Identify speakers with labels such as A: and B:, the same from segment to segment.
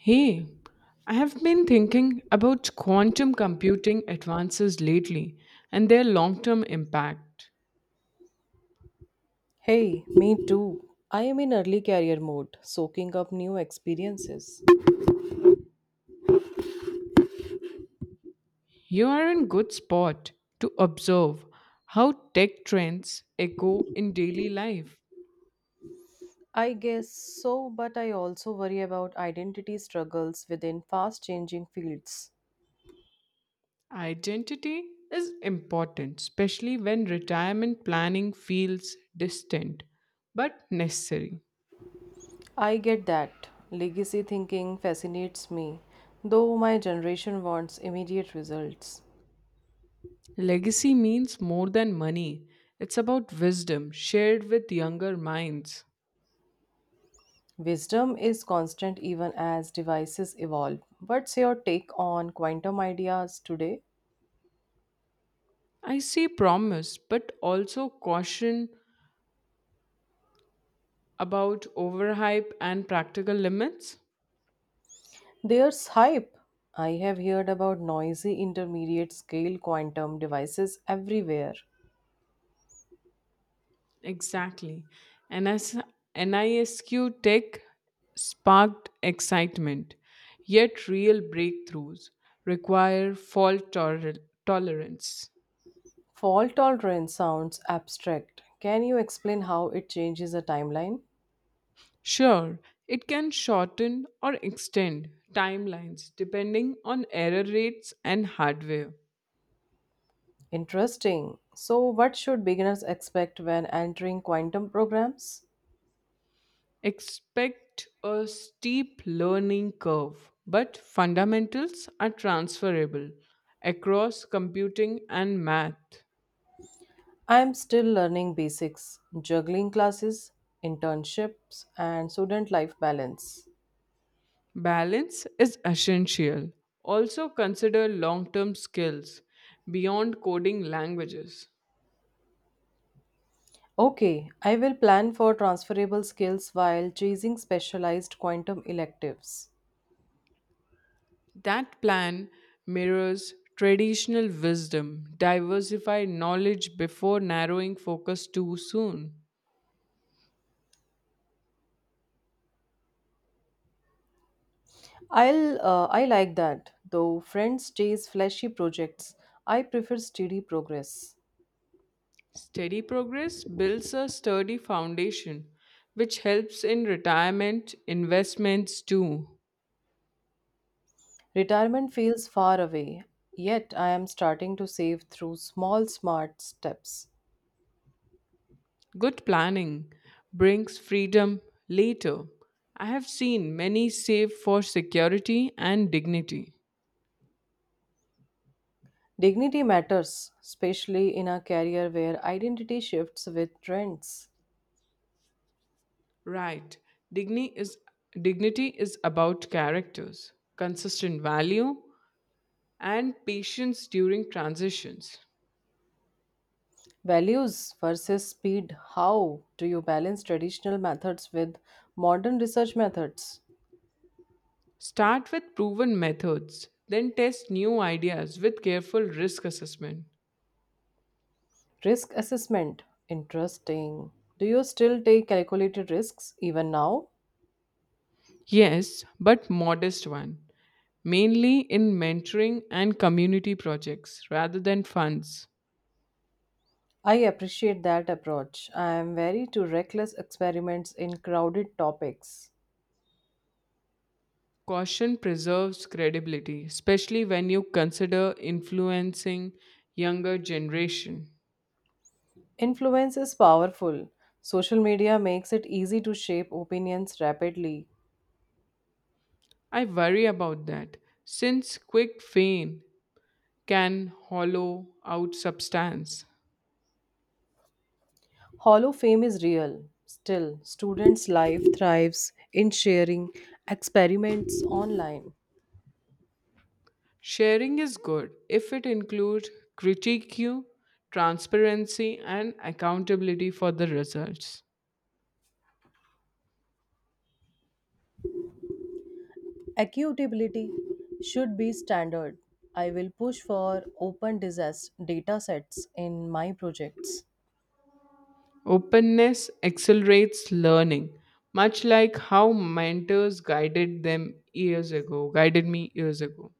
A: Hey, I have been thinking about quantum computing advances lately and their long term impact.
B: Hey, me too. I am in early career mode, soaking up new experiences.
A: You are in good spot to observe how tech trends echo in daily life.
B: I guess so, but I also worry about identity struggles within fast changing fields.
A: Identity is important, especially when retirement planning feels distant but necessary.
B: I get that. Legacy thinking fascinates me, though my generation wants immediate results.
A: Legacy means more than money, it's about wisdom shared with younger minds.
B: Wisdom is constant even as devices evolve. What's your take on quantum ideas today?
A: I see promise, but also caution about overhype and practical limits.
B: There's hype. I have heard about noisy intermediate scale quantum devices everywhere.
A: Exactly. NS- NISQ Tech sparked excitement, yet, real breakthroughs require fault tolerance.
B: Fault tolerance sounds abstract. Can you explain how it changes a timeline?
A: Sure, it can shorten or extend timelines depending on error rates and hardware.
B: Interesting. So, what should beginners expect when entering quantum programs?
A: Expect a steep learning curve, but fundamentals are transferable across computing and math.
B: I'm still learning basics, juggling classes, internships, and student life balance.
A: Balance is essential. Also, consider long term skills beyond coding languages.
B: Okay, I will plan for transferable skills while chasing specialized quantum electives.
A: That plan mirrors traditional wisdom. Diversify knowledge before narrowing focus too soon.
B: I like that. Though friends chase flashy projects, I prefer steady progress.
A: Steady progress builds a sturdy foundation, which helps in retirement investments too.
B: Retirement feels far away, yet I am starting to save through small smart steps.
A: Good planning brings freedom later. I have seen many save for security and dignity.
B: Dignity matters, especially in a career where identity shifts with trends.
A: Right, dignity is, dignity is about characters, consistent value, and patience during transitions.
B: Values versus speed. How do you balance traditional methods with modern research methods?
A: Start with proven methods, then test new ideas with careful risk assessment.
B: Risk assessment. Interesting. Do you still take calculated risks even now?
A: Yes, but modest one, mainly in mentoring and community projects rather than funds.
B: I appreciate that approach. I am wary to reckless experiments in crowded topics.
A: Caution preserves credibility, especially when you consider influencing younger generation.
B: Influence is powerful. Social media makes it easy to shape opinions rapidly.
A: I worry about that since quick fame can hollow out substance.
B: Hollow fame is real. Still, students' life thrives in sharing experiments online.
A: Sharing is good if it includes critique, transparency and accountability for the results.
B: Accountability should be standard. I will push for open disaster data sets in my projects.
A: Openness accelerates learning, much like how mentors guided them years ago, guided me years ago.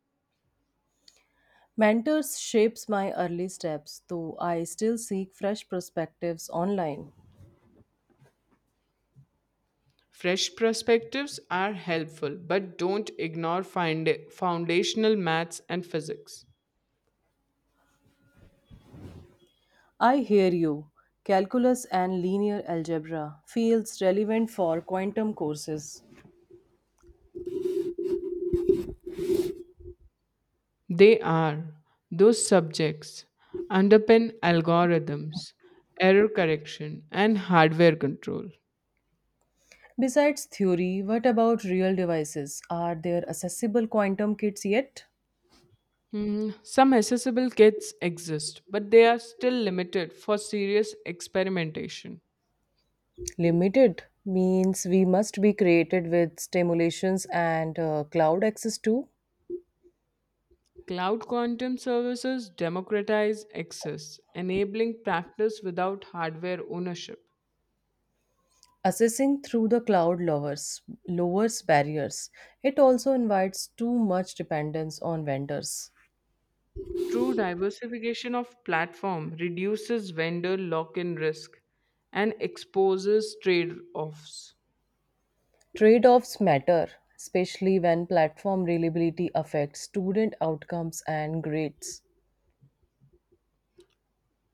B: Mentors shapes my early steps, though I still seek fresh perspectives online.
A: Fresh perspectives are helpful, but don't ignore foundational maths and physics.
B: I hear you. Calculus and linear algebra feels relevant for quantum courses.
A: They are those subjects underpin algorithms, error correction, and hardware control.
B: Besides theory, what about real devices? Are there accessible quantum kits yet?
A: Some accessible kits exist, but they are still limited for serious experimentation.
B: Limited means we must be created with stimulations and cloud access too.
A: Cloud quantum services democratize access, enabling practice without hardware ownership.
B: Assessing through the cloud lowers barriers. It also invites too much dependence on vendors.
A: True diversification of platform reduces vendor lock-in risk and exposes trade-offs.
B: Trade-offs matter, especially when platform reliability affects student outcomes and grades.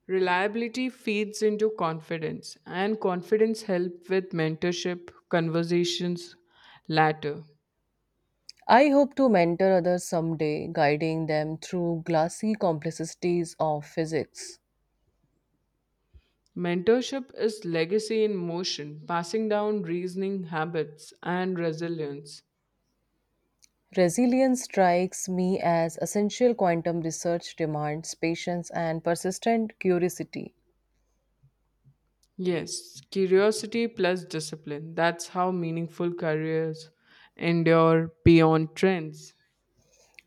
A: Reliability feeds into confidence, and confidence helps with mentorship conversations latter.
B: I hope to mentor others someday, guiding them through glassy complexities of physics.
A: Mentorship is legacy in motion, passing down reasoning habits and resilience.
B: Resilience strikes me as essential quantum research demands patience and persistent curiosity.
A: Yes, curiosity plus discipline. That's how meaningful careers endure beyond trends.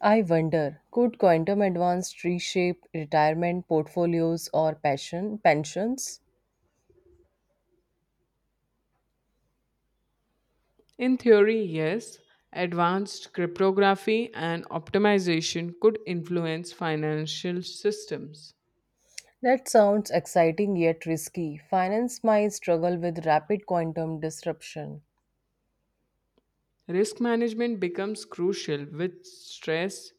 B: I wonder, could quantum advance reshape retirement portfolios or passion pensions?
A: In theory, yes, advanced cryptography and optimization could influence financial systems.
B: That sounds exciting yet risky. Finance might struggle with rapid quantum disruption.
A: Risk management becomes crucial with stress,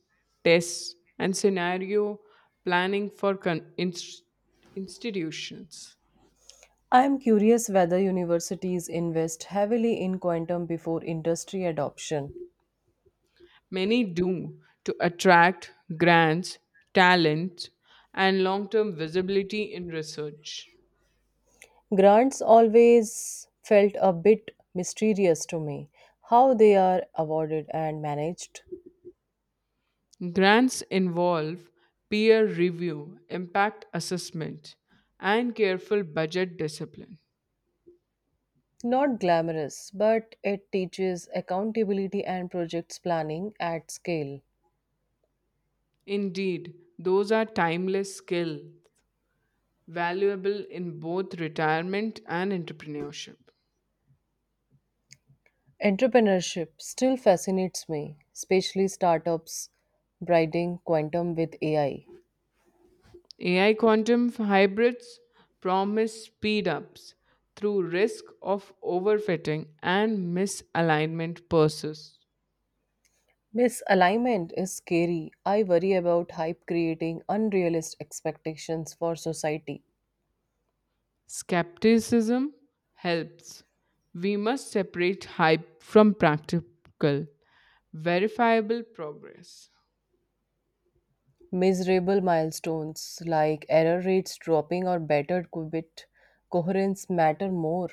A: tests, and scenario planning for institutions.
B: I am curious whether universities invest heavily in quantum before industry adoption.
A: Many do to attract grants, talent, and long term visibility in research.
B: Grants always felt a bit mysterious to me, how they are awarded and managed.
A: Grants involve peer review, impact assessment, and careful budget discipline.
B: Not glamorous, but it teaches accountability and projects planning at scale.
A: Indeed, those are timeless skills valuable in both retirement and entrepreneurship.
B: Entrepreneurship still fascinates me, especially startups bridging quantum with AI.
A: AI quantum hybrids promise speedups through risk of overfitting and misalignment persists.
B: Misalignment is scary. I worry about hype creating unrealistic expectations for society.
A: Skepticism helps. We must separate hype from practical, verifiable progress.
B: Miserable milestones like error rates dropping or better qubit coherence matter more.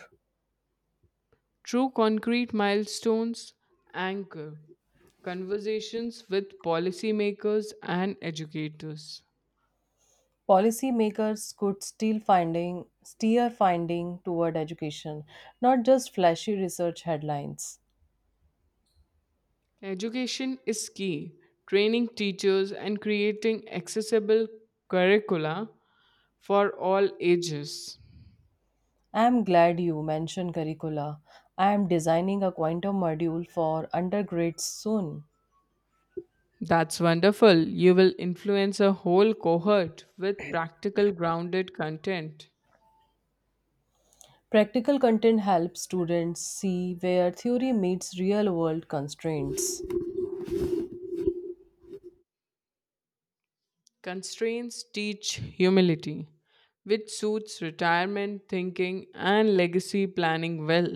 A: True concrete milestones anchor conversations with policymakers and educators.
B: Policymakers could still finding steer finding toward education, not just flashy research headlines.
A: Education is key. Training teachers and creating accessible curricula for all ages.
B: I am glad you mentioned curricula. I am designing a quantum module for undergrads soon.
A: That's wonderful. You will influence a whole cohort with practical, grounded content.
B: Practical content helps students see where theory meets real world constraints.
A: Constraints teach humility, which suits retirement thinking and legacy planning well.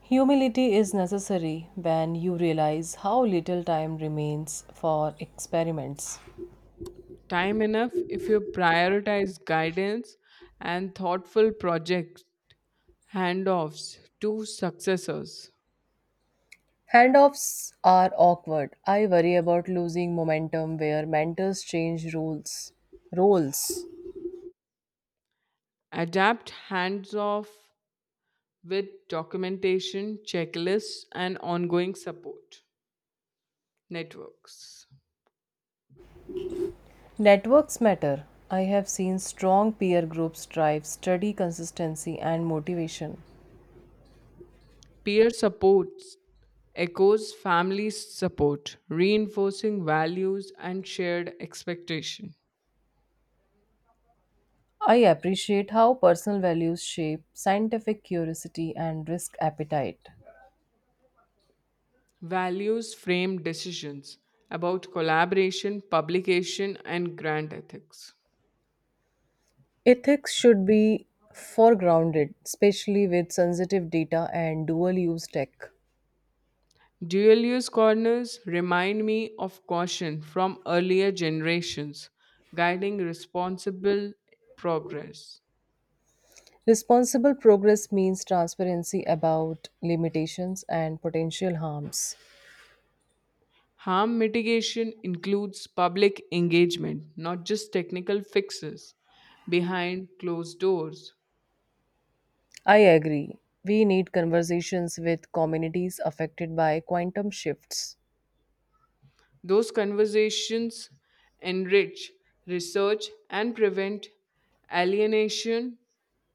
B: Humility is necessary when you realize how little time remains for experiments.
A: Time enough if you prioritize guidance and thoughtful project handoffs to successors.
B: Handoffs are awkward. I worry about losing momentum where mentors change rules. Roles.
A: Adapt hands off with documentation, checklists, and ongoing support networks.
B: Networks matter. I have seen strong peer groups drive study consistency and motivation.
A: Peer supports echoes family support, reinforcing values and shared expectation.
B: I appreciate how personal values shape scientific curiosity and risk appetite.
A: Values frame decisions about collaboration, publication, and grant ethics.
B: Ethics should be foregrounded, especially with sensitive data and dual use tech.
A: Dual use corners remind me of caution from earlier generations, guiding responsible progress.
B: Responsible progress means transparency about limitations and potential harms.
A: Harm mitigation includes public engagement, not just technical fixes behind closed doors.
B: I agree. We need conversations with communities affected by quantum shifts.
A: Those conversations enrich research and prevent alienation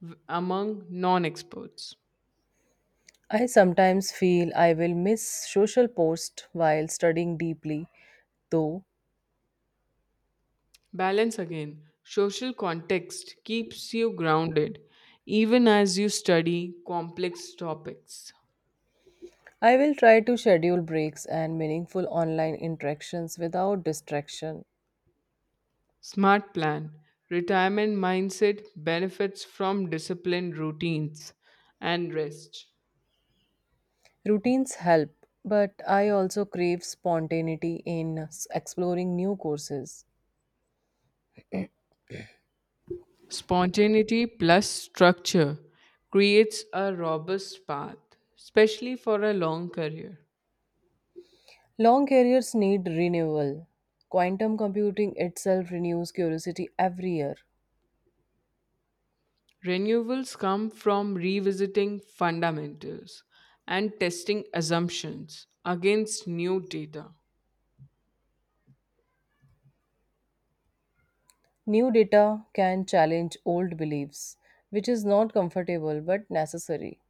A: among non experts.
B: I sometimes feel I will miss social posts while studying deeply, though
A: Balance again. Social context keeps you grounded even as you study complex topics.
B: I will try to schedule breaks and meaningful online interactions without distraction.
A: Smart plan. Retirement mindset benefits from disciplined routines and rest.
B: Routines help, but I also crave spontaneity in exploring new courses.
A: Spontaneity plus structure creates a robust path, especially for a long career.
B: Long careers need renewal. Quantum computing itself renews curiosity every year.
A: Renewals come from revisiting fundamentals and testing assumptions against new data.
B: New data can challenge old beliefs, which is not comfortable but necessary.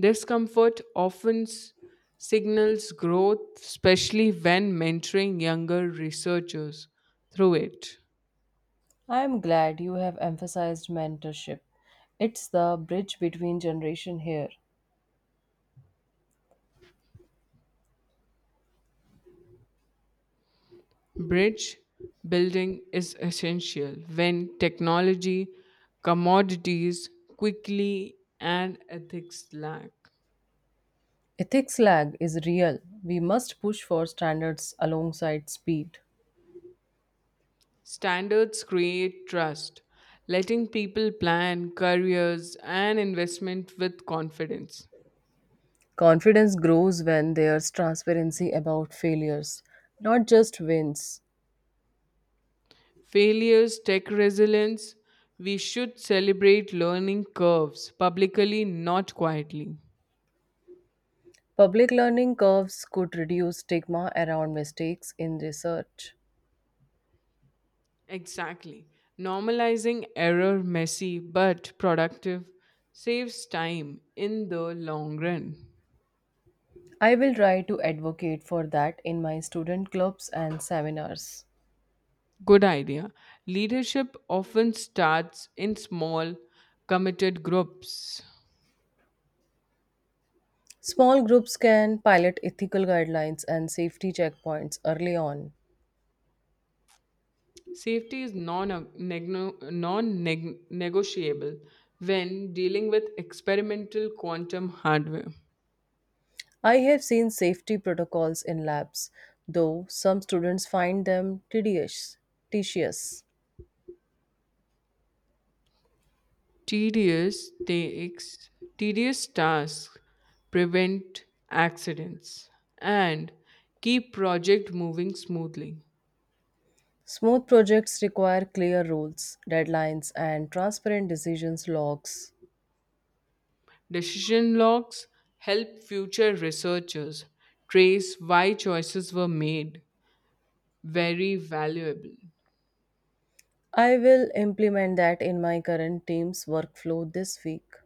A: Discomfort often signals growth, especially when mentoring younger researchers through it.
B: I am glad you have emphasized mentorship. It's the bridge between generation here.
A: Bridge building is essential when technology, commodities, quickly, and ethics lack.
B: Ethics lag is real. We must push for standards alongside speed.
A: Standards create trust, letting people plan careers and investment with confidence.
B: Confidence grows when there's transparency about failures, not just wins.
A: Failures tech resilience. We should celebrate learning curves publicly, not quietly.
B: Public learning curves could reduce stigma around mistakes in research.
A: Exactly. Normalizing error, messy but productive, saves time in the long run.
B: I will try to advocate for that in my student clubs and seminars.
A: Good idea. Leadership often starts in small, committed groups.
B: Small groups can pilot ethical guidelines and safety checkpoints early on.
A: Safety is non negotiable when dealing with experimental quantum hardware.
B: I have seen safety protocols in labs, though some students find them tedious.
A: Tedious takes Tedious tasks prevent accidents and keep project moving smoothly.
B: Smooth projects require clear rules, deadlines, and transparent decisions logs.
A: Decision logs help future researchers trace why choices were made. Very valuable.
B: I will implement that in my current team's workflow this week.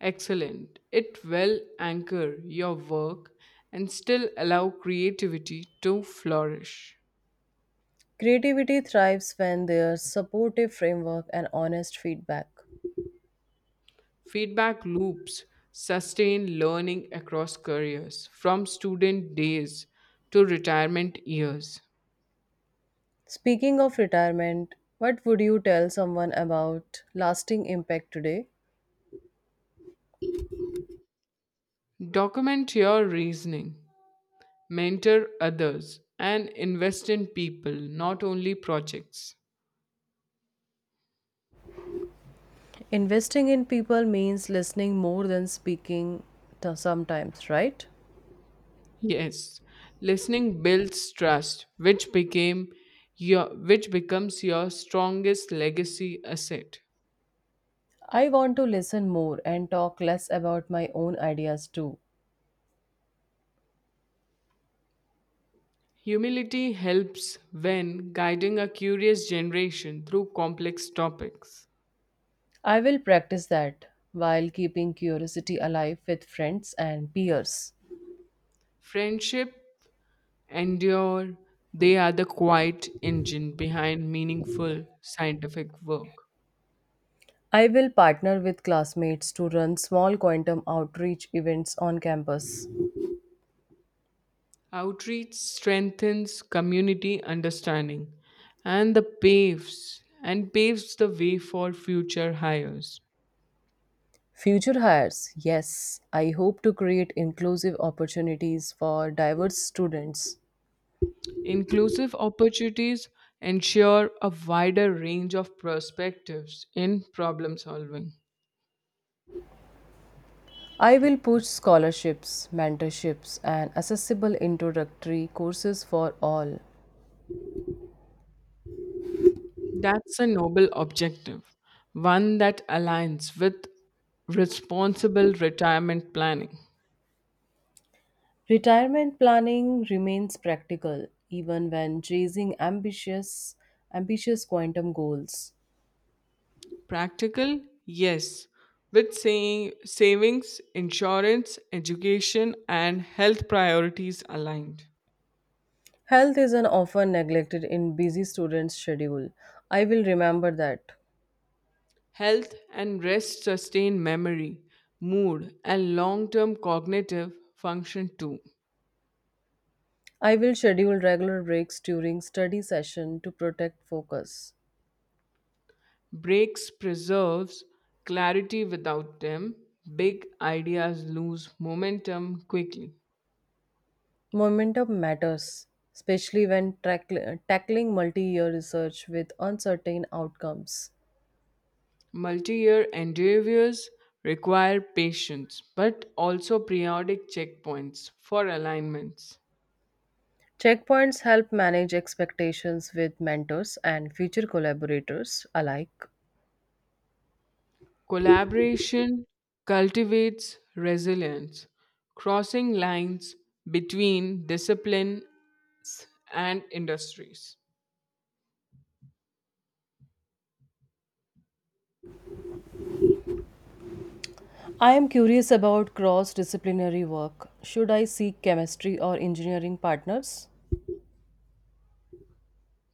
A: Excellent. It will anchor your work and still allow creativity to flourish.
B: Creativity thrives when there's supportive framework and honest feedback.
A: Feedback loops sustain learning across careers, from student days to retirement years.
B: Speaking of retirement, what would you tell someone about lasting impact today?
A: Document your reasoning, mentor others, and invest in people, not only projects.
B: Investing in people means listening more than speaking to sometimes, right?
A: Yes, listening builds trust, which becomes your strongest legacy asset.
B: I want to listen more and talk less about my own ideas too.
A: Humility helps when guiding a curious generation through complex topics.
B: I will practice that while keeping curiosity alive with friends and peers.
A: Friendship endure, they are the quiet engine behind meaningful scientific work.
B: I will partner with classmates to run small quantum outreach events on campus.
A: Outreach strengthens community understanding and the paves and paves the way for future hires.
B: Future hires, yes, I hope to create inclusive opportunities for diverse students.
A: Inclusive opportunities ensure a wider range of perspectives in problem solving.
B: I will push scholarships, mentorships, and accessible introductory courses for all.
A: That's a noble objective, one that aligns with responsible retirement planning.
B: Retirement planning remains practical even when chasing ambitious quantum goals.
A: Practical? Yes. With saying savings, insurance, education, and health priorities aligned.
B: Health is an often neglected in busy students' schedule. I will remember that.
A: Health and rest sustain memory, mood, and long term cognitive function too.
B: I will schedule regular breaks during study session to protect focus.
A: Breaks preserves clarity without them. Big ideas lose momentum quickly.
B: Momentum matters, especially when tackling multi-year research with uncertain outcomes.
A: Multi year endeavors require patience but also periodic checkpoints for alignments.
B: Checkpoints help manage expectations with mentors and future collaborators alike.
A: Collaboration cultivates resilience, crossing lines between discipline and industries.
B: I am curious about cross disciplinary work. Should I seek chemistry or engineering partners?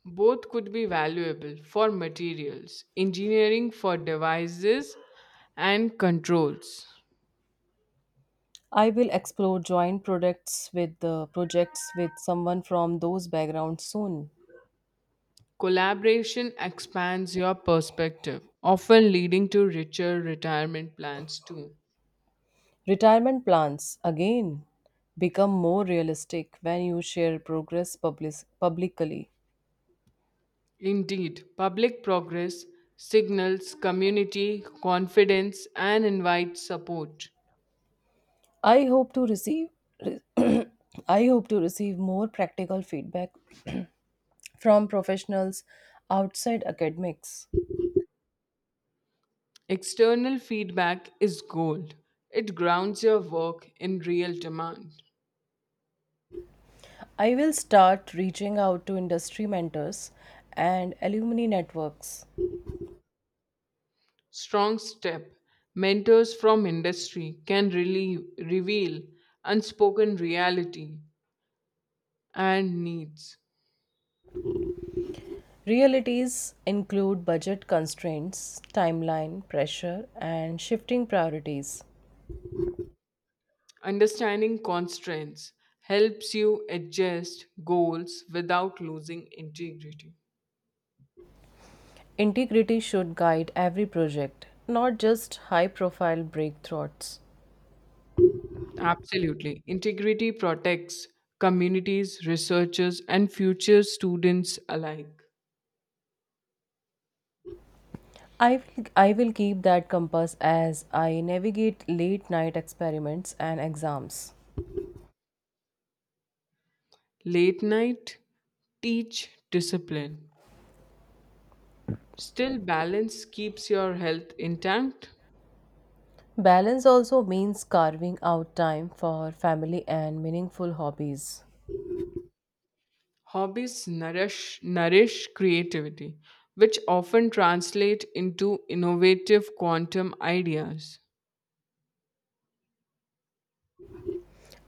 A: Both could be valuable for materials, engineering for devices and controls.
B: I will explore joint products with the projects with someone from those backgrounds soon.
A: Collaboration expands your perspective, often leading to richer retirement plans too.
B: Retirement plans again become more realistic when you share progress publicly.
A: Indeed, public progress signals community confidence and invites support.
B: I hope to receive I hope to receive more practical feedback from professionals outside academics.
A: External feedback is gold. It grounds your work in real demand.
B: I will start reaching out to industry mentors and alumni networks.
A: Strong step. Mentors from industry can really reveal unspoken reality and needs.
B: Realities include budget constraints, timeline pressure, and shifting priorities.
A: Understanding constraints helps you adjust goals without losing integrity.
B: Integrity should guide every project, not just high profile breakthroughs.
A: Absolutely. Integrity protects communities, researchers, and future students alike.
B: I will keep that compass as I navigate late night experiments and exams.
A: Late night teach discipline. Still balance keeps your health intact.
B: Balance also means carving out time for family and meaningful hobbies.
A: Hobbies nourish creativity, which often translate into innovative quantum ideas.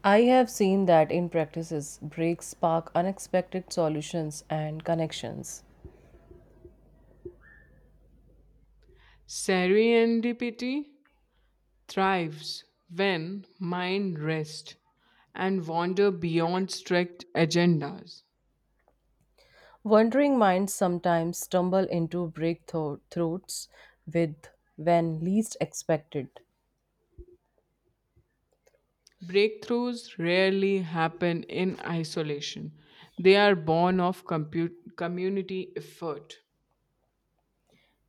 B: I have seen that in practices, breaks spark unexpected solutions and connections.
A: Serendipity thrives when mind rests and wander beyond strict agendas.
B: Wandering minds sometimes stumble into breakthroughs with when least expected.
A: Breakthroughs rarely happen in isolation. They are born of community effort.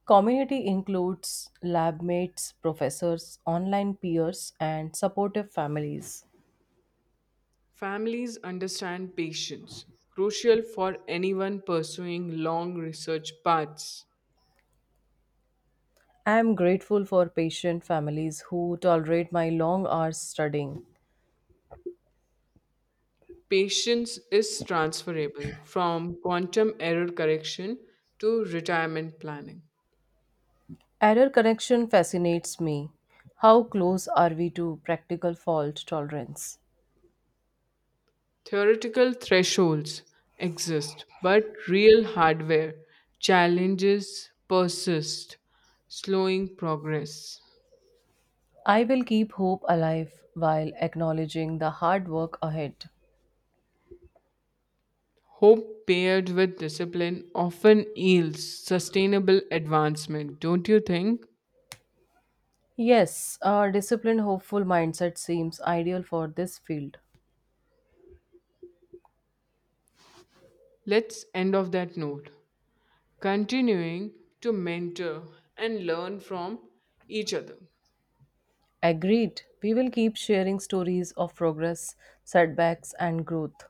B: Community includes lab mates, professors, online peers, and supportive families.
A: Families understand patience, crucial for anyone pursuing long research paths.
B: I am grateful for patient families who tolerate my long hours studying.
A: Patience is transferable from quantum error correction to retirement planning.
B: Error correction fascinates me. How close are we to practical fault tolerance?
A: Theoretical thresholds exist, but real hardware challenges persist, slowing progress.
B: I will keep hope alive while acknowledging the hard work ahead.
A: Hope paired with discipline often yields sustainable advancement, don't you think?
B: Yes, a disciplined, hopeful mindset seems ideal for this field.
A: Let's end off that note. Continuing to mentor and learn from each other.
B: Agreed. We will keep sharing stories of progress, setbacks, and growth.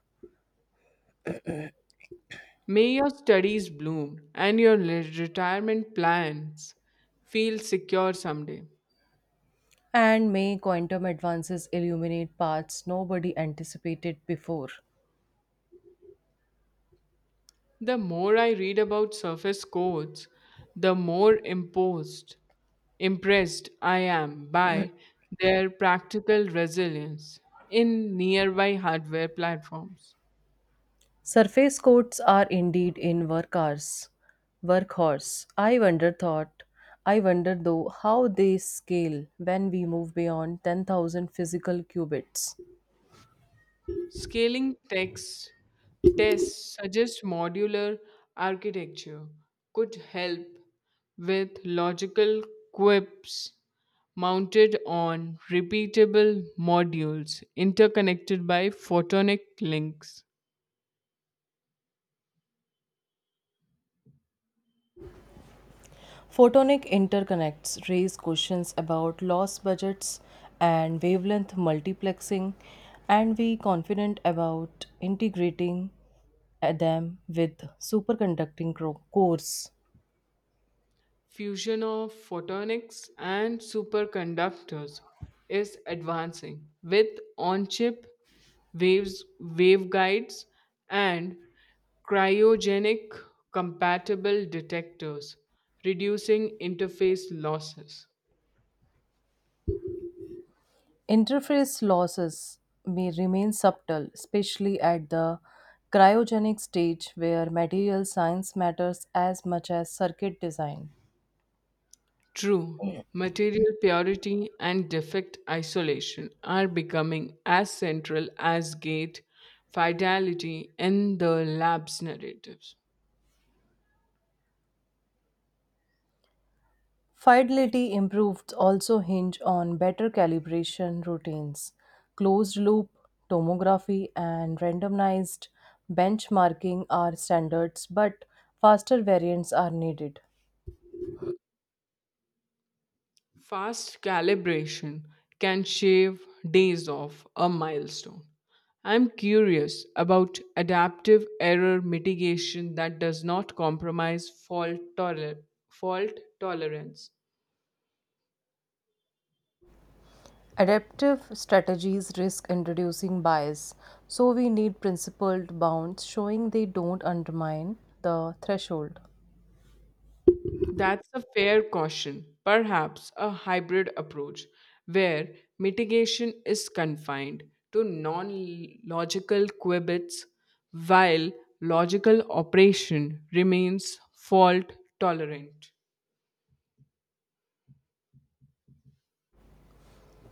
A: May your studies bloom and your retirement plans feel secure someday.
B: And may quantum advances illuminate paths nobody anticipated before.
A: The more I read about surface codes, the more imposed Impressed I am by their practical resilience in nearby hardware platforms.
B: Surface coats are indeed in workhorse. Workhorse. I wonder though how they scale when we move beyond 10,000 physical qubits.
A: Scaling text tests suggest modular architecture could help with logical quips mounted on repeatable modules interconnected by photonic links.
B: Photonic interconnects raise questions about loss budgets and wavelength multiplexing, and we confident about integrating them with superconducting cores.
A: Fusion of photonics and superconductors is advancing with on-chip waves waveguides and cryogenic compatible detectors reducing interface losses.
B: Interface losses may remain subtle, especially at the cryogenic stage where material science matters as much as circuit design.
A: True material purity and defect isolation are becoming as central as gate fidelity in the lab's narratives.
B: Fidelity improved also hinge on better calibration routines, closed loop tomography, and randomized benchmarking are standards, but faster variants are needed.
A: Fast calibration can shave days off a milestone. I'm curious about adaptive error mitigation that does not compromise fault tolerance.
B: Adaptive strategies risk introducing bias, so we need principled bounds showing they don't undermine the threshold.
A: That's a fair caution, perhaps a hybrid approach where mitigation is confined to non logical qubits while logical operation remains fault tolerant.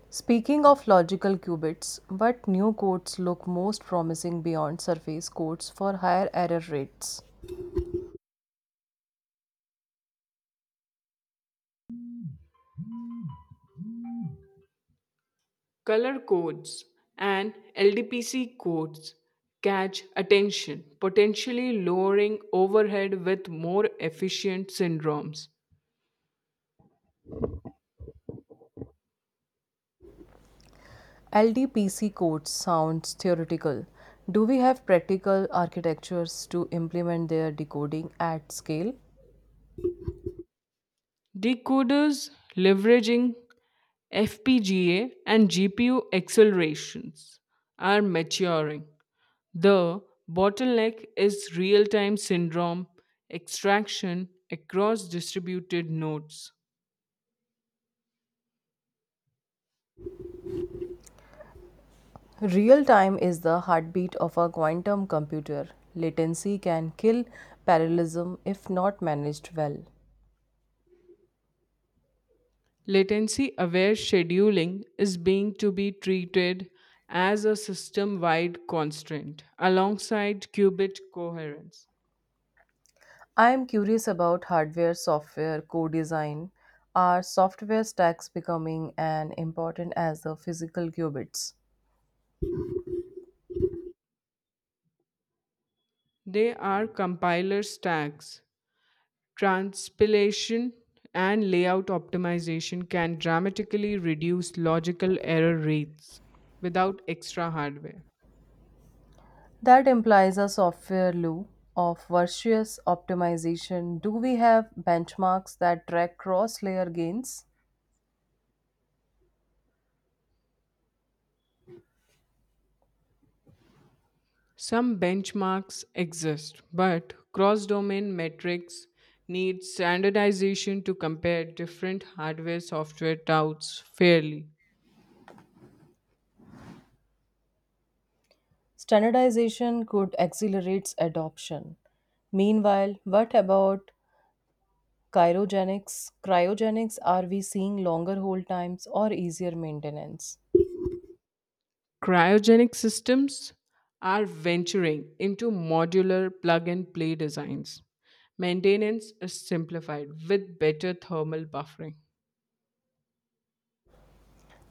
B: Speaking of logical qubits, what new codes look most promising beyond surface codes for higher error rates?
A: Color codes and LDPC codes catch attention, potentially lowering overhead with more efficient syndromes.
B: LDPC codes sounds theoretical. Do we have practical architectures to implement their decoding at scale?
A: Decoders leveraging FPGA and GPU accelerations are maturing. The bottleneck is real time syndrome extraction across distributed nodes.
B: Real time is the heartbeat of a quantum computer. Latency can kill parallelism if not managed well.
A: Latency aware scheduling is being to be treated as a system wide constraint alongside qubit coherence.
B: I am curious about hardware software co design. Are software stacks becoming as important as the physical qubits?
A: They are compiler stacks. Transpilation and layout optimization can dramatically reduce logical error rates without extra hardware.
B: That implies a software loop of virtuous optimization. Do we have benchmarks that track cross layer gains?
A: Some benchmarks exist, but cross domain metrics need standardization to compare different hardware software touts fairly.
B: Standardization could accelerate adoption. Meanwhile, what about Cryogenics are we seeing longer hold times or easier maintenance?
A: Cryogenic systems are venturing into modular plug and play designs. Maintenance is simplified with better thermal buffering.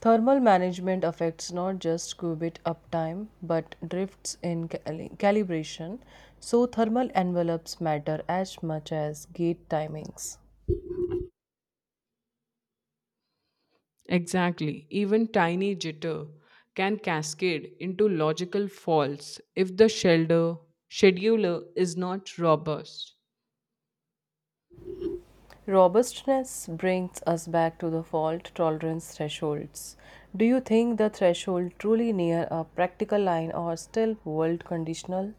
B: Thermal management affects not just qubit uptime but drifts in calibration, so thermal envelopes matter as much as gate timings.
A: Exactly, even tiny jitter can cascade into logical faults if the shelter scheduler is not robust.
B: Robustness brings us back to the fault tolerance thresholds. Do you think the threshold truly near a practical line or still world conditional?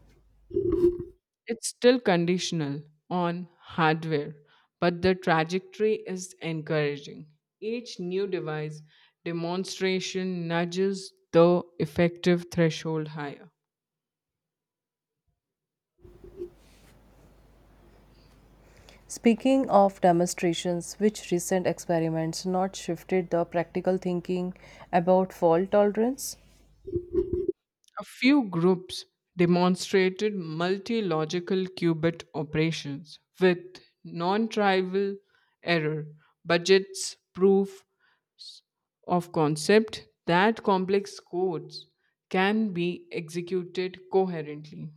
A: It's still conditional on hardware, but the trajectory is encouraging. Each new device demonstration nudges the effective threshold higher.
B: Speaking of demonstrations, which recent experiments not shifted the practical thinking about fault tolerance?
A: A few groups demonstrated multi logical qubit operations with non trivial error budgets, proof of concept that complex codes can be executed coherently.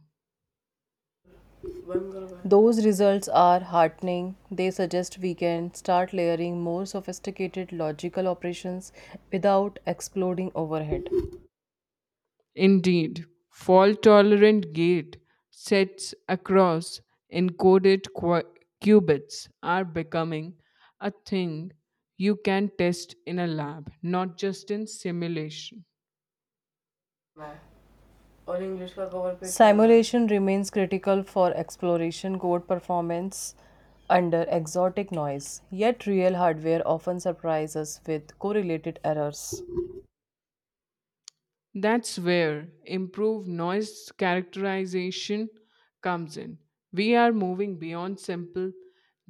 B: Those results are heartening. They suggest we can start layering more sophisticated logical operations without exploding overhead.
A: Indeed, fault tolerant gate sets across encoded qubits are becoming a thing you can test in a lab, not just in simulation.
B: और English का cover page Simulation remains critical for exploration code performance under exotic noise, yet real hardware often surprises us with correlated errors.
A: That's where improved noise characterization comes in. We are moving beyond simple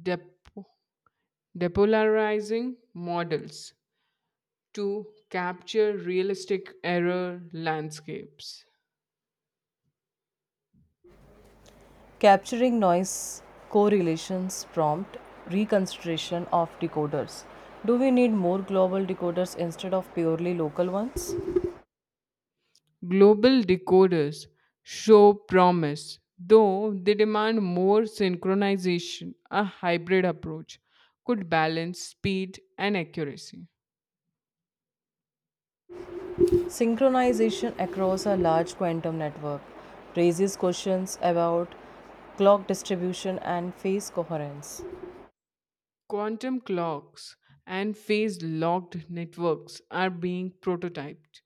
A: dep- depolarizing models to capture realistic error landscapes.
B: Capturing noise correlations prompt reconsideration of decoders. Do we need more global decoders instead of purely local ones?
A: Global decoders show promise, though they demand more synchronization. A hybrid approach could balance speed and accuracy.
B: Synchronization across a large quantum network raises questions about clock distribution and phase coherence.
A: Quantum clocks and phase locked networks are being prototyped.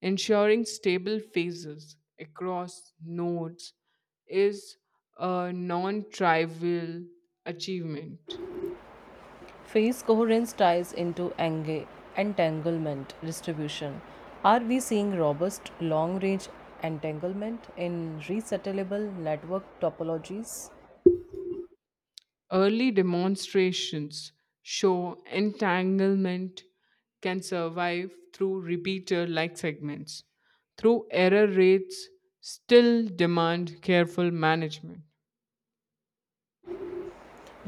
A: Ensuring stable phases across nodes is a non trivial achievement.
B: Phase coherence ties into entanglement distribution. Are we seeing robust long range entanglement in resettleable network topologies?
A: Early demonstrations show entanglement can survive through repeater like segments, through error rates still demand careful management.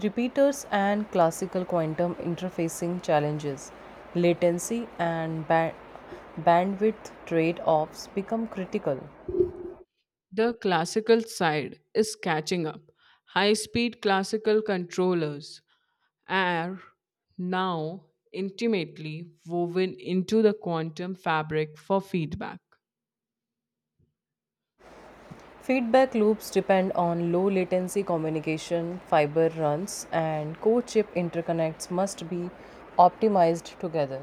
B: Repeaters and classical quantum interfacing challenges, latency and bandwidth trade offs become critical.
A: The classical side is catching up. High speed classical controllers are now intimately woven into the quantum fabric for feedback.
B: Feedback loops depend on low latency communication, fiber runs, and core chip interconnects must be optimized together.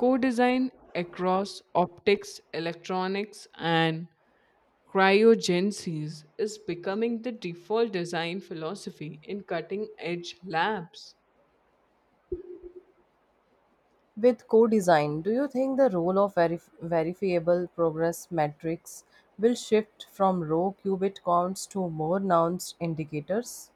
A: Co design across optics, electronics, and Cryogenesis is becoming the default design philosophy in cutting edge labs.
B: With co design, do you think the role of verifiable progress metrics will shift from row qubit counts to more nuanced indicators?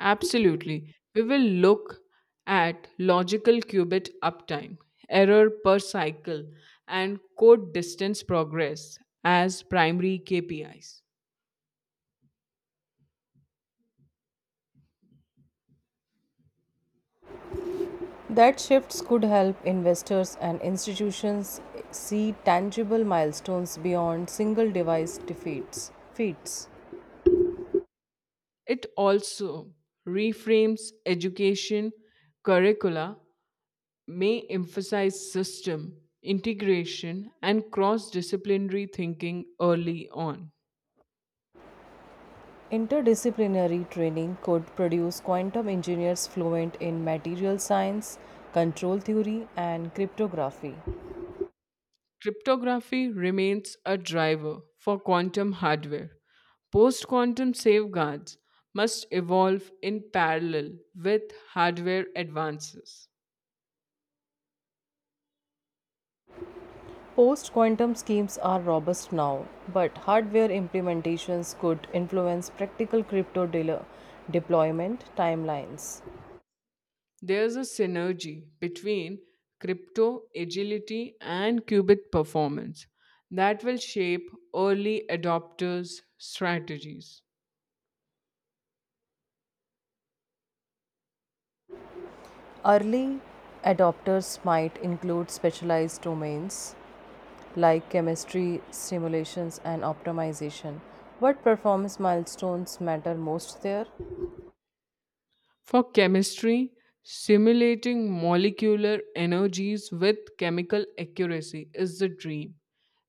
A: Absolutely. We will look at logical qubit uptime, error per cycle, and code distance progress as primary KPIs.
B: That shifts could help investors and institutions see tangible milestones beyond single device defeats. Feats.
A: It also reframes education curricula, may emphasize system integration and cross disciplinary thinking early on.
B: Interdisciplinary training could produce quantum engineers fluent in material science, control theory, and cryptography.
A: Cryptography remains a driver for quantum hardware. Post quantum safeguards must evolve in parallel with hardware advances.
B: Post quantum schemes are robust now, but hardware implementations could influence practical crypto dealer deployment timelines.
A: There's a synergy between crypto agility and qubit performance that will shape early adopters' strategies.
B: Early adopters might include specialized domains like chemistry, simulations, and optimization. What performance milestones matter most there?
A: For chemistry, simulating molecular energies with chemical accuracy is the dream.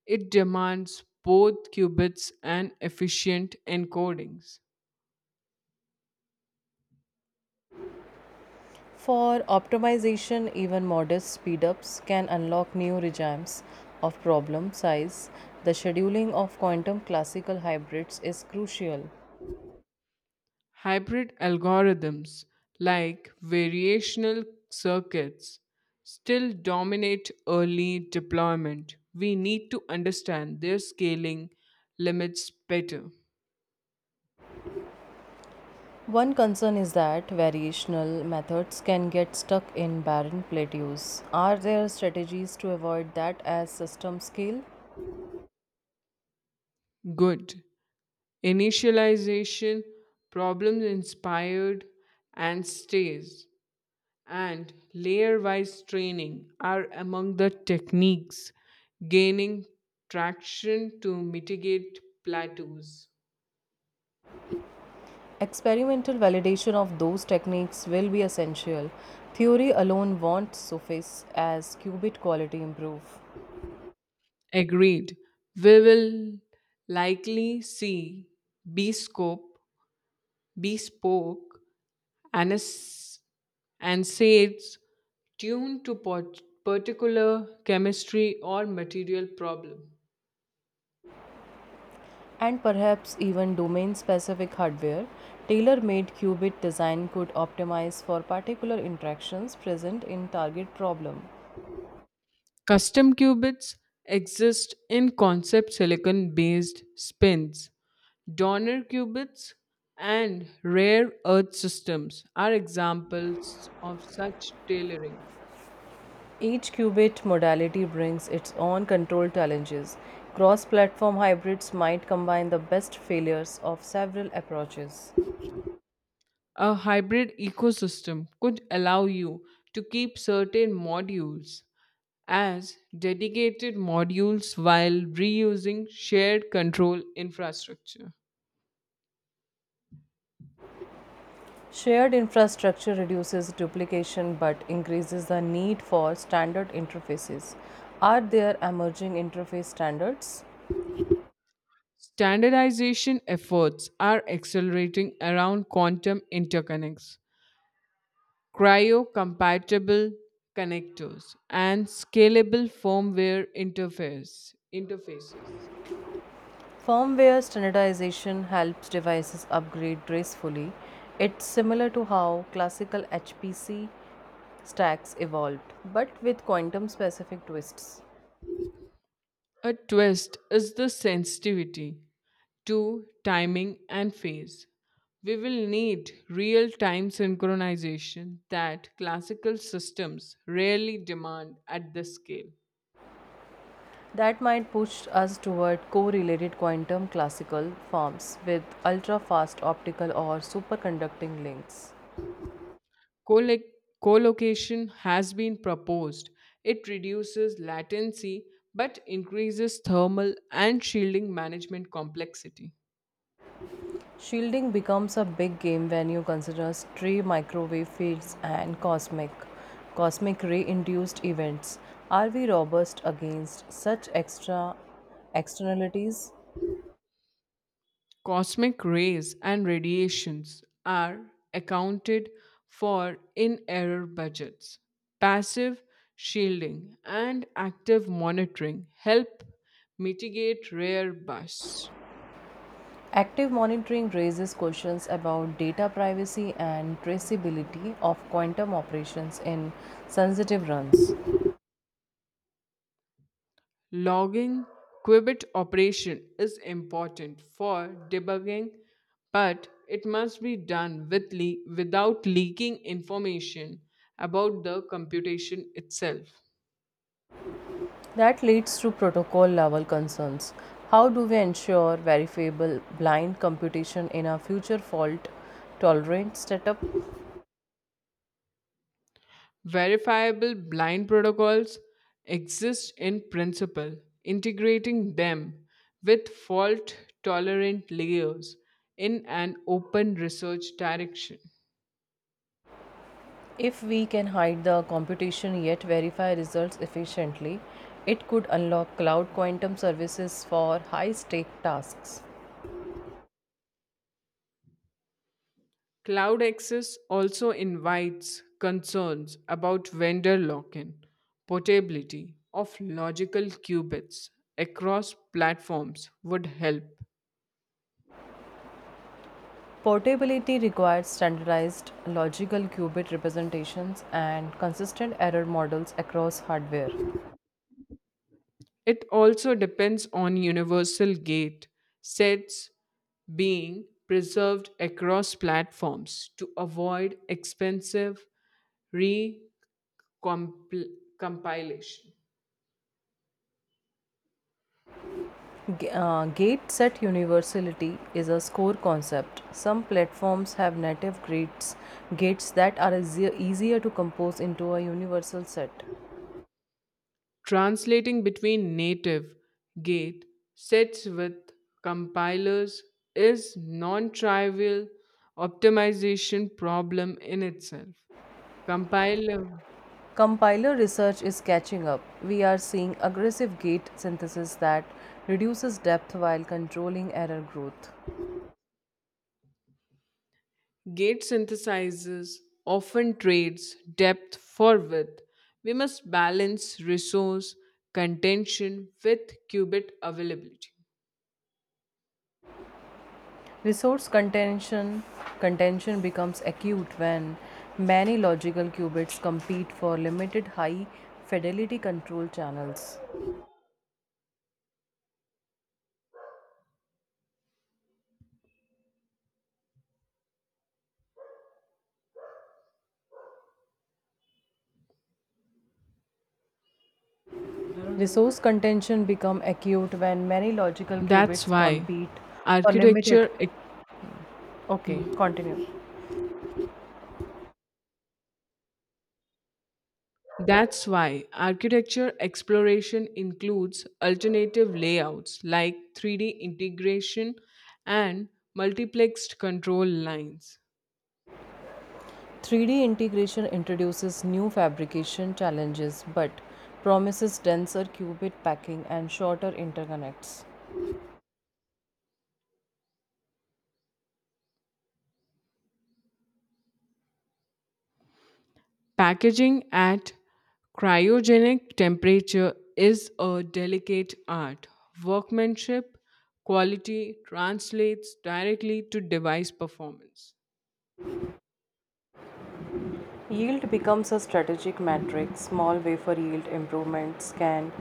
A: It demands both qubits and efficient encodings.
B: For optimization, even modest speedups can unlock new regimes of problem size. The scheduling of quantum classical hybrids is crucial.
A: Hybrid algorithms like variational circuits still dominate early deployment. We need to understand their scaling limits better.
B: One concern is that variational methods can get stuck in barren plateaus. Are there strategies to avoid that as systems scale?
A: Good. Initialization, problem inspired, and stays. And layer wise training are among the techniques gaining traction to mitigate plateaus.
B: Experimental validation of those techniques will be essential. Theory alone won't suffice as qubit quality improve.
A: Agreed. We will likely see bespoke, bespoke anis- NSAIDs tuned to particular chemistry or material problem.
B: And perhaps even domain specific hardware, tailor made qubit design could optimize for particular interactions present in target problem.
A: Custom qubits exist in concept silicon based spins. Donor qubits and rare earth systems are examples of such tailoring.
B: Each qubit modality brings its own control challenges. Cross platform hybrids might combine the best failures of several approaches.
A: A hybrid ecosystem could allow you to keep certain modules as dedicated modules while reusing shared control infrastructure.
B: Shared infrastructure reduces duplication but increases the need for standard interfaces. Are there emerging interface standards?
A: Standardization efforts are accelerating around quantum interconnects, cryo-compatible connectors, and scalable firmware interfaces.
B: Firmware standardization helps devices upgrade gracefully. It's similar to how classical HPC stacks evolved, but with quantum specific twists.
A: A twist is the sensitivity to timing and phase. We will need real time synchronization that classical systems rarely demand at this scale.
B: That might push us toward correlated quantum classical forms with ultra fast optical or superconducting links.
A: Colloc- Collocation has been proposed. It reduces latency but increases thermal and shielding management complexity.
B: Shielding becomes a big game when you consider stray microwave fields and cosmic ray induced events. Are we robust against such extra externalities?
A: Cosmic rays and radiations are accounted for in error budgets. Passive shielding and active monitoring help mitigate rare bursts.
B: Active monitoring raises questions about data privacy and traceability of quantum operations in sensitive runs.
A: Logging qubit operation is important for debugging, but it must be done with without leaking information about the computation itself.
B: That leads to protocol level concerns. How do we ensure verifiable blind computation in a future fault tolerant setup?
A: Verifiable blind protocols exist in principle. Integrating them with fault tolerant layers in an open research direction.
B: If we can hide the computation yet verify results efficiently, it could unlock cloud quantum services for high stake tasks.
A: Cloud access also invites concerns about vendor lock in, portability of logical qubits across platforms would help.
B: Portability requires standardized logical qubit representations and consistent error models across hardware.
A: It also depends on universal gate sets being preserved across platforms to avoid expensive recompilation.
B: Gate set universality is a score concept. Some platforms have native gates that are easier to compose into a universal set.
A: Translating between native gate sets with compilers is non-trivial optimization problem in itself. Compiler
B: Compiler research is catching up. We are seeing aggressive gate synthesis that reduces depth while controlling error growth.
A: gate synthesizers often trades depth for width. We must balance resource contention with qubit availability.
B: Resource contention becomes acute when many logical qubits compete for limited high fidelity control channels. Resource contention become acute when many logical
A: That's
B: qubits
A: why
B: compete for limited.
A: architecture ex-
B: Okay,
A: yeah.
B: continue.
A: That's why architecture exploration includes alternative layouts like 3D integration and multiplexed control lines.
B: 3D integration introduces new fabrication challenges but promises denser qubit packing and shorter interconnects.
A: Packaging at cryogenic temperature is a delicate art. Workmanship quality translates directly to device performance.
B: Yield becomes a strategic metric. Small wafer yield improvements can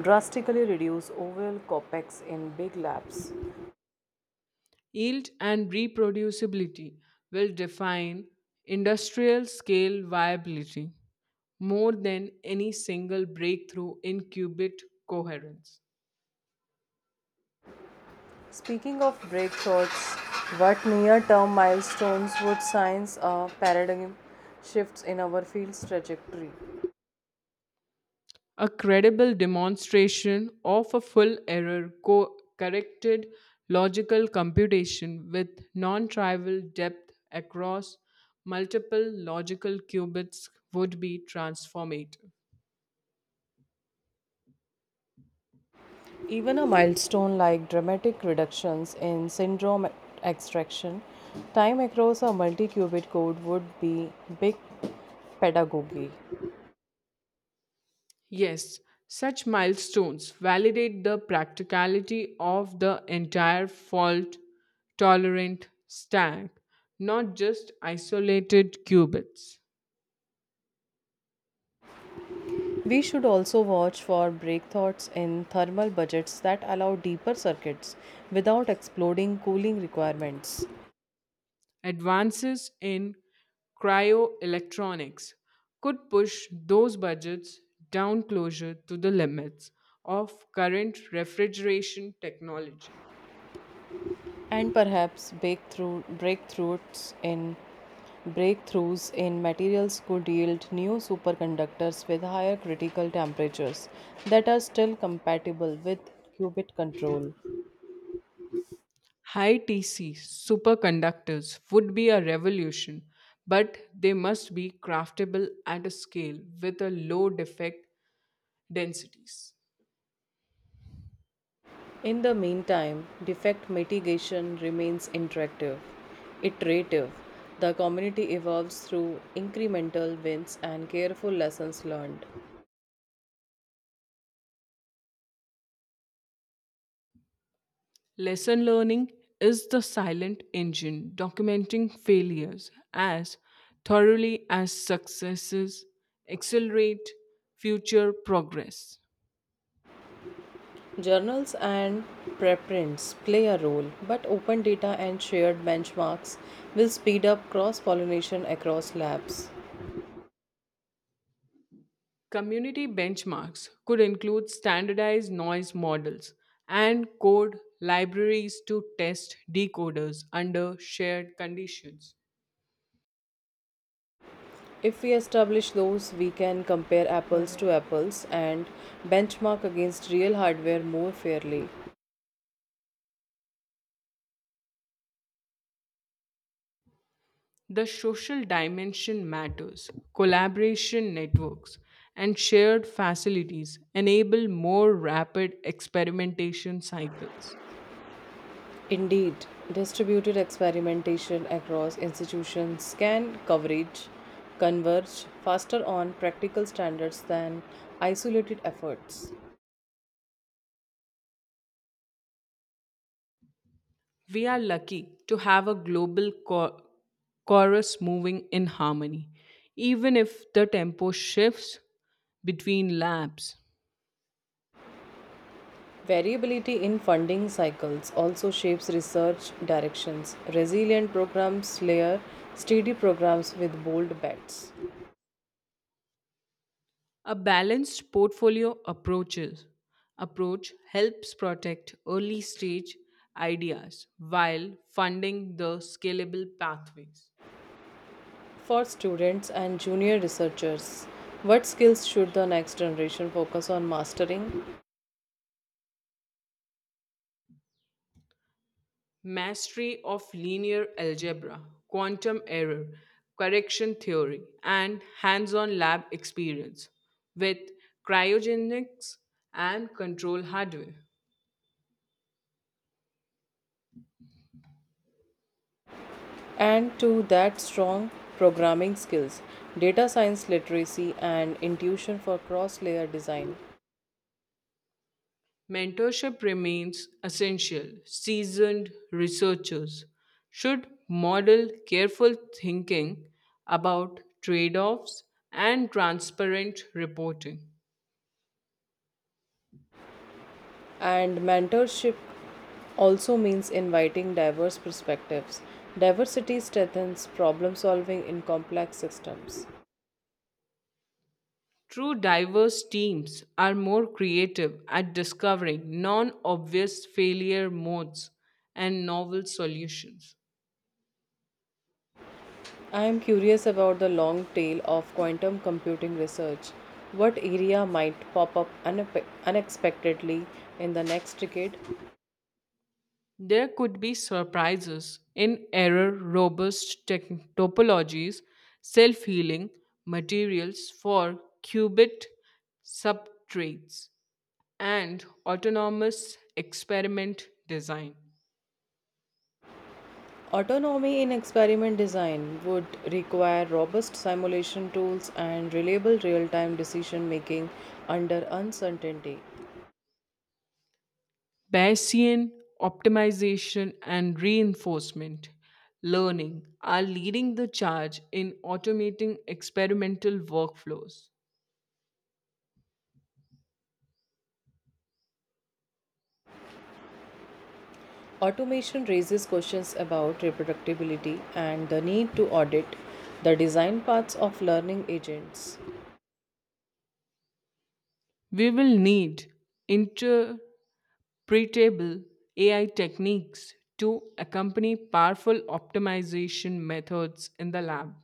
B: drastically reduce overall copex in big labs.
A: Yield and reproducibility will define industrial scale viability more than any single breakthrough in qubit coherence.
B: Speaking of breakthroughs, what near term milestones would science or paradigm shifts in our field's trajectory?
A: A credible demonstration of a full corrected logical computation with non trivial depth across multiple logical qubits would be transformative.
B: Even a milestone like dramatic reductions in syndrome extraction time across a multi qubit code would be big pedagogy.
A: Yes, such milestones validate the practicality of the entire fault tolerant stack, not just isolated qubits.
B: We should also watch for breakthroughs in thermal budgets that allow deeper circuits without exploding cooling requirements.
A: Advances in cryoelectronics could push those budgets down closer to the limits of current refrigeration technology.
B: And perhaps breakthroughs in materials could yield new superconductors with higher critical temperatures that are still compatible with qubit control.
A: High TC superconductors would be a revolution, but they must be craftable at a scale with a low defect densities.
B: In the meantime, defect mitigation remains iterative. The community evolves through incremental wins and careful lessons learned.
A: Lesson learning is the silent engine documenting failures as thoroughly as successes accelerate future progress.
B: Journals and preprints play a role, but open data and shared benchmarks will speed up cross pollination across labs.
A: Community benchmarks could include standardized noise models and code libraries to test decoders under shared conditions.
B: If we establish those, we can compare apples to apples and benchmark against real hardware more fairly.
A: The social dimension matters. Collaboration networks and shared facilities enable more rapid experimentation cycles.
B: Indeed, distributed experimentation across institutions can coverage converge faster on practical standards than isolated efforts.
A: We are lucky to have a global chorus moving in harmony, even if the tempo shifts between labs.
B: Variability in funding cycles also shapes research directions. Resilient programs layer steady programs with bold bets.
A: A balanced portfolio approach helps protect early stage ideas while funding the scalable pathways.
B: For students and junior researchers, what skills should the next generation focus on mastering?
A: Mastery of linear algebra, quantum error, correction theory, and hands on lab experience with cryogenics and control hardware.
B: And to that, strong programming skills, data science literacy, and intuition for cross layer design.
A: Mentorship remains essential. Seasoned researchers should model careful thinking about trade offs and transparent reporting.
B: And mentorship also means inviting diverse perspectives. Diversity strengthens problem solving in complex systems.
A: True diverse teams are more creative at discovering non obvious failure modes and novel solutions.
B: I am curious about the long tail of quantum computing research. What area might pop up unexpectedly in the next decade?
A: There could be surprises in error, topologies, self healing materials for qubit subtraits, and autonomous experiment design.
B: Autonomy in experiment design would require robust simulation tools and reliable real time decision making under uncertainty.
A: Bayesian optimization and reinforcement learning are leading the charge in automating experimental workflows.
B: Automation raises questions about reproducibility and the need to audit the design paths of learning agents.
A: We will need pre-table AI techniques to accompany powerful optimization methods in the lab.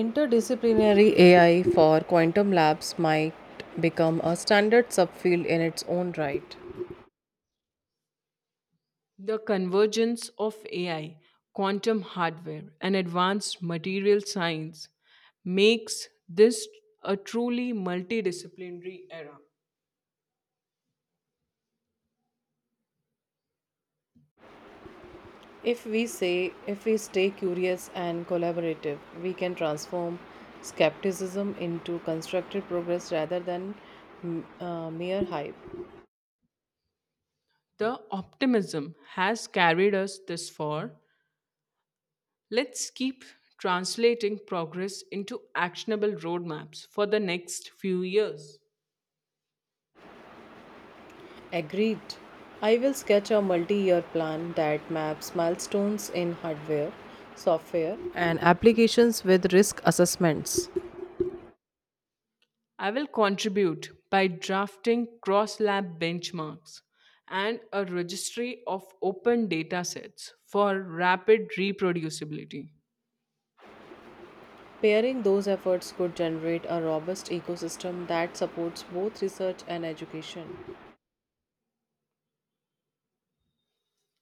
B: Interdisciplinary AI for quantum labs might become a standard subfield in its own right.
A: The convergence of AI, quantum hardware, and advanced material science makes this a truly multidisciplinary era.
B: If we stay curious and collaborative, we can transform skepticism into constructive progress rather than mere hype.
A: The optimism has carried us this far. Let's keep translating progress into actionable roadmaps for the next few years.
B: Agreed. I will sketch a multi year plan that maps milestones in hardware, software, and applications with risk assessments.
A: I will contribute by drafting cross lab benchmarks and a registry of open data sets for rapid reproducibility
B: Pairing those efforts could generate a robust ecosystem that supports both research and education.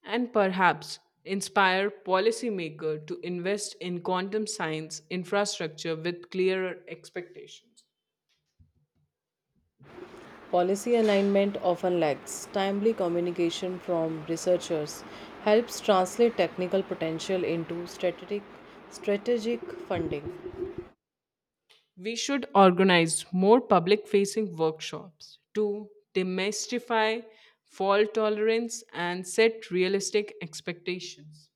A: and perhaps inspire policymakers to invest in quantum science infrastructure with clearer expectations.
B: Policy alignment often lacks. Timely communication from researchers helps translate technical potential into strategic funding.
A: We should organize more public facing workshops to demystify fault tolerance and set realistic expectations.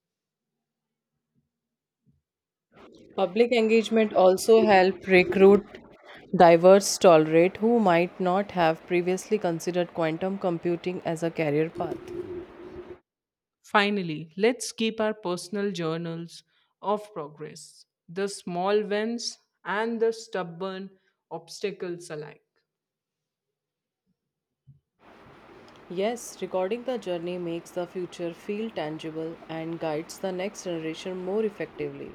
B: Public engagement also help recruit diverse tolerate who might not have previously considered quantum computing as a career path.
A: Finally, let's keep our personal journals of progress, the small wins and the stubborn obstacles alike.
B: Yes, recording the journey makes the future feel tangible and guides the next generation more effectively.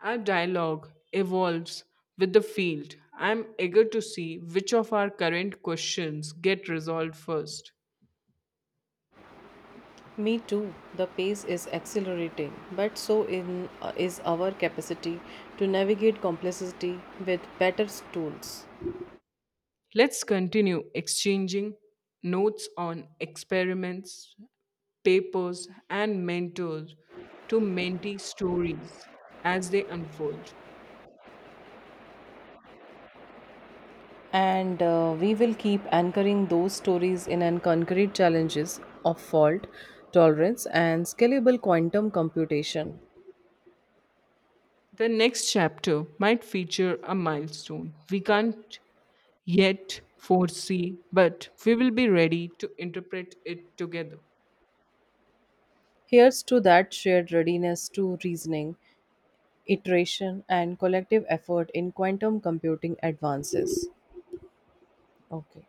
A: Our dialogue evolves with the field. I'm eager to see which of our current questions get resolved first.
B: Me too, the pace is accelerating, but so is our capacity to navigate complexity with better tools.
A: Let's continue exchanging notes on experiments, papers, and mentors to mentee stories as they unfold.
B: And we will keep anchoring those stories in an concrete challenges of fault tolerance and scalable quantum computation.
A: The next chapter might feature a milestone we can't yet foresee, but we will be ready to interpret it together.
B: Here's to that shared readiness to reasoning iteration and collective effort in quantum computing advances. Okay.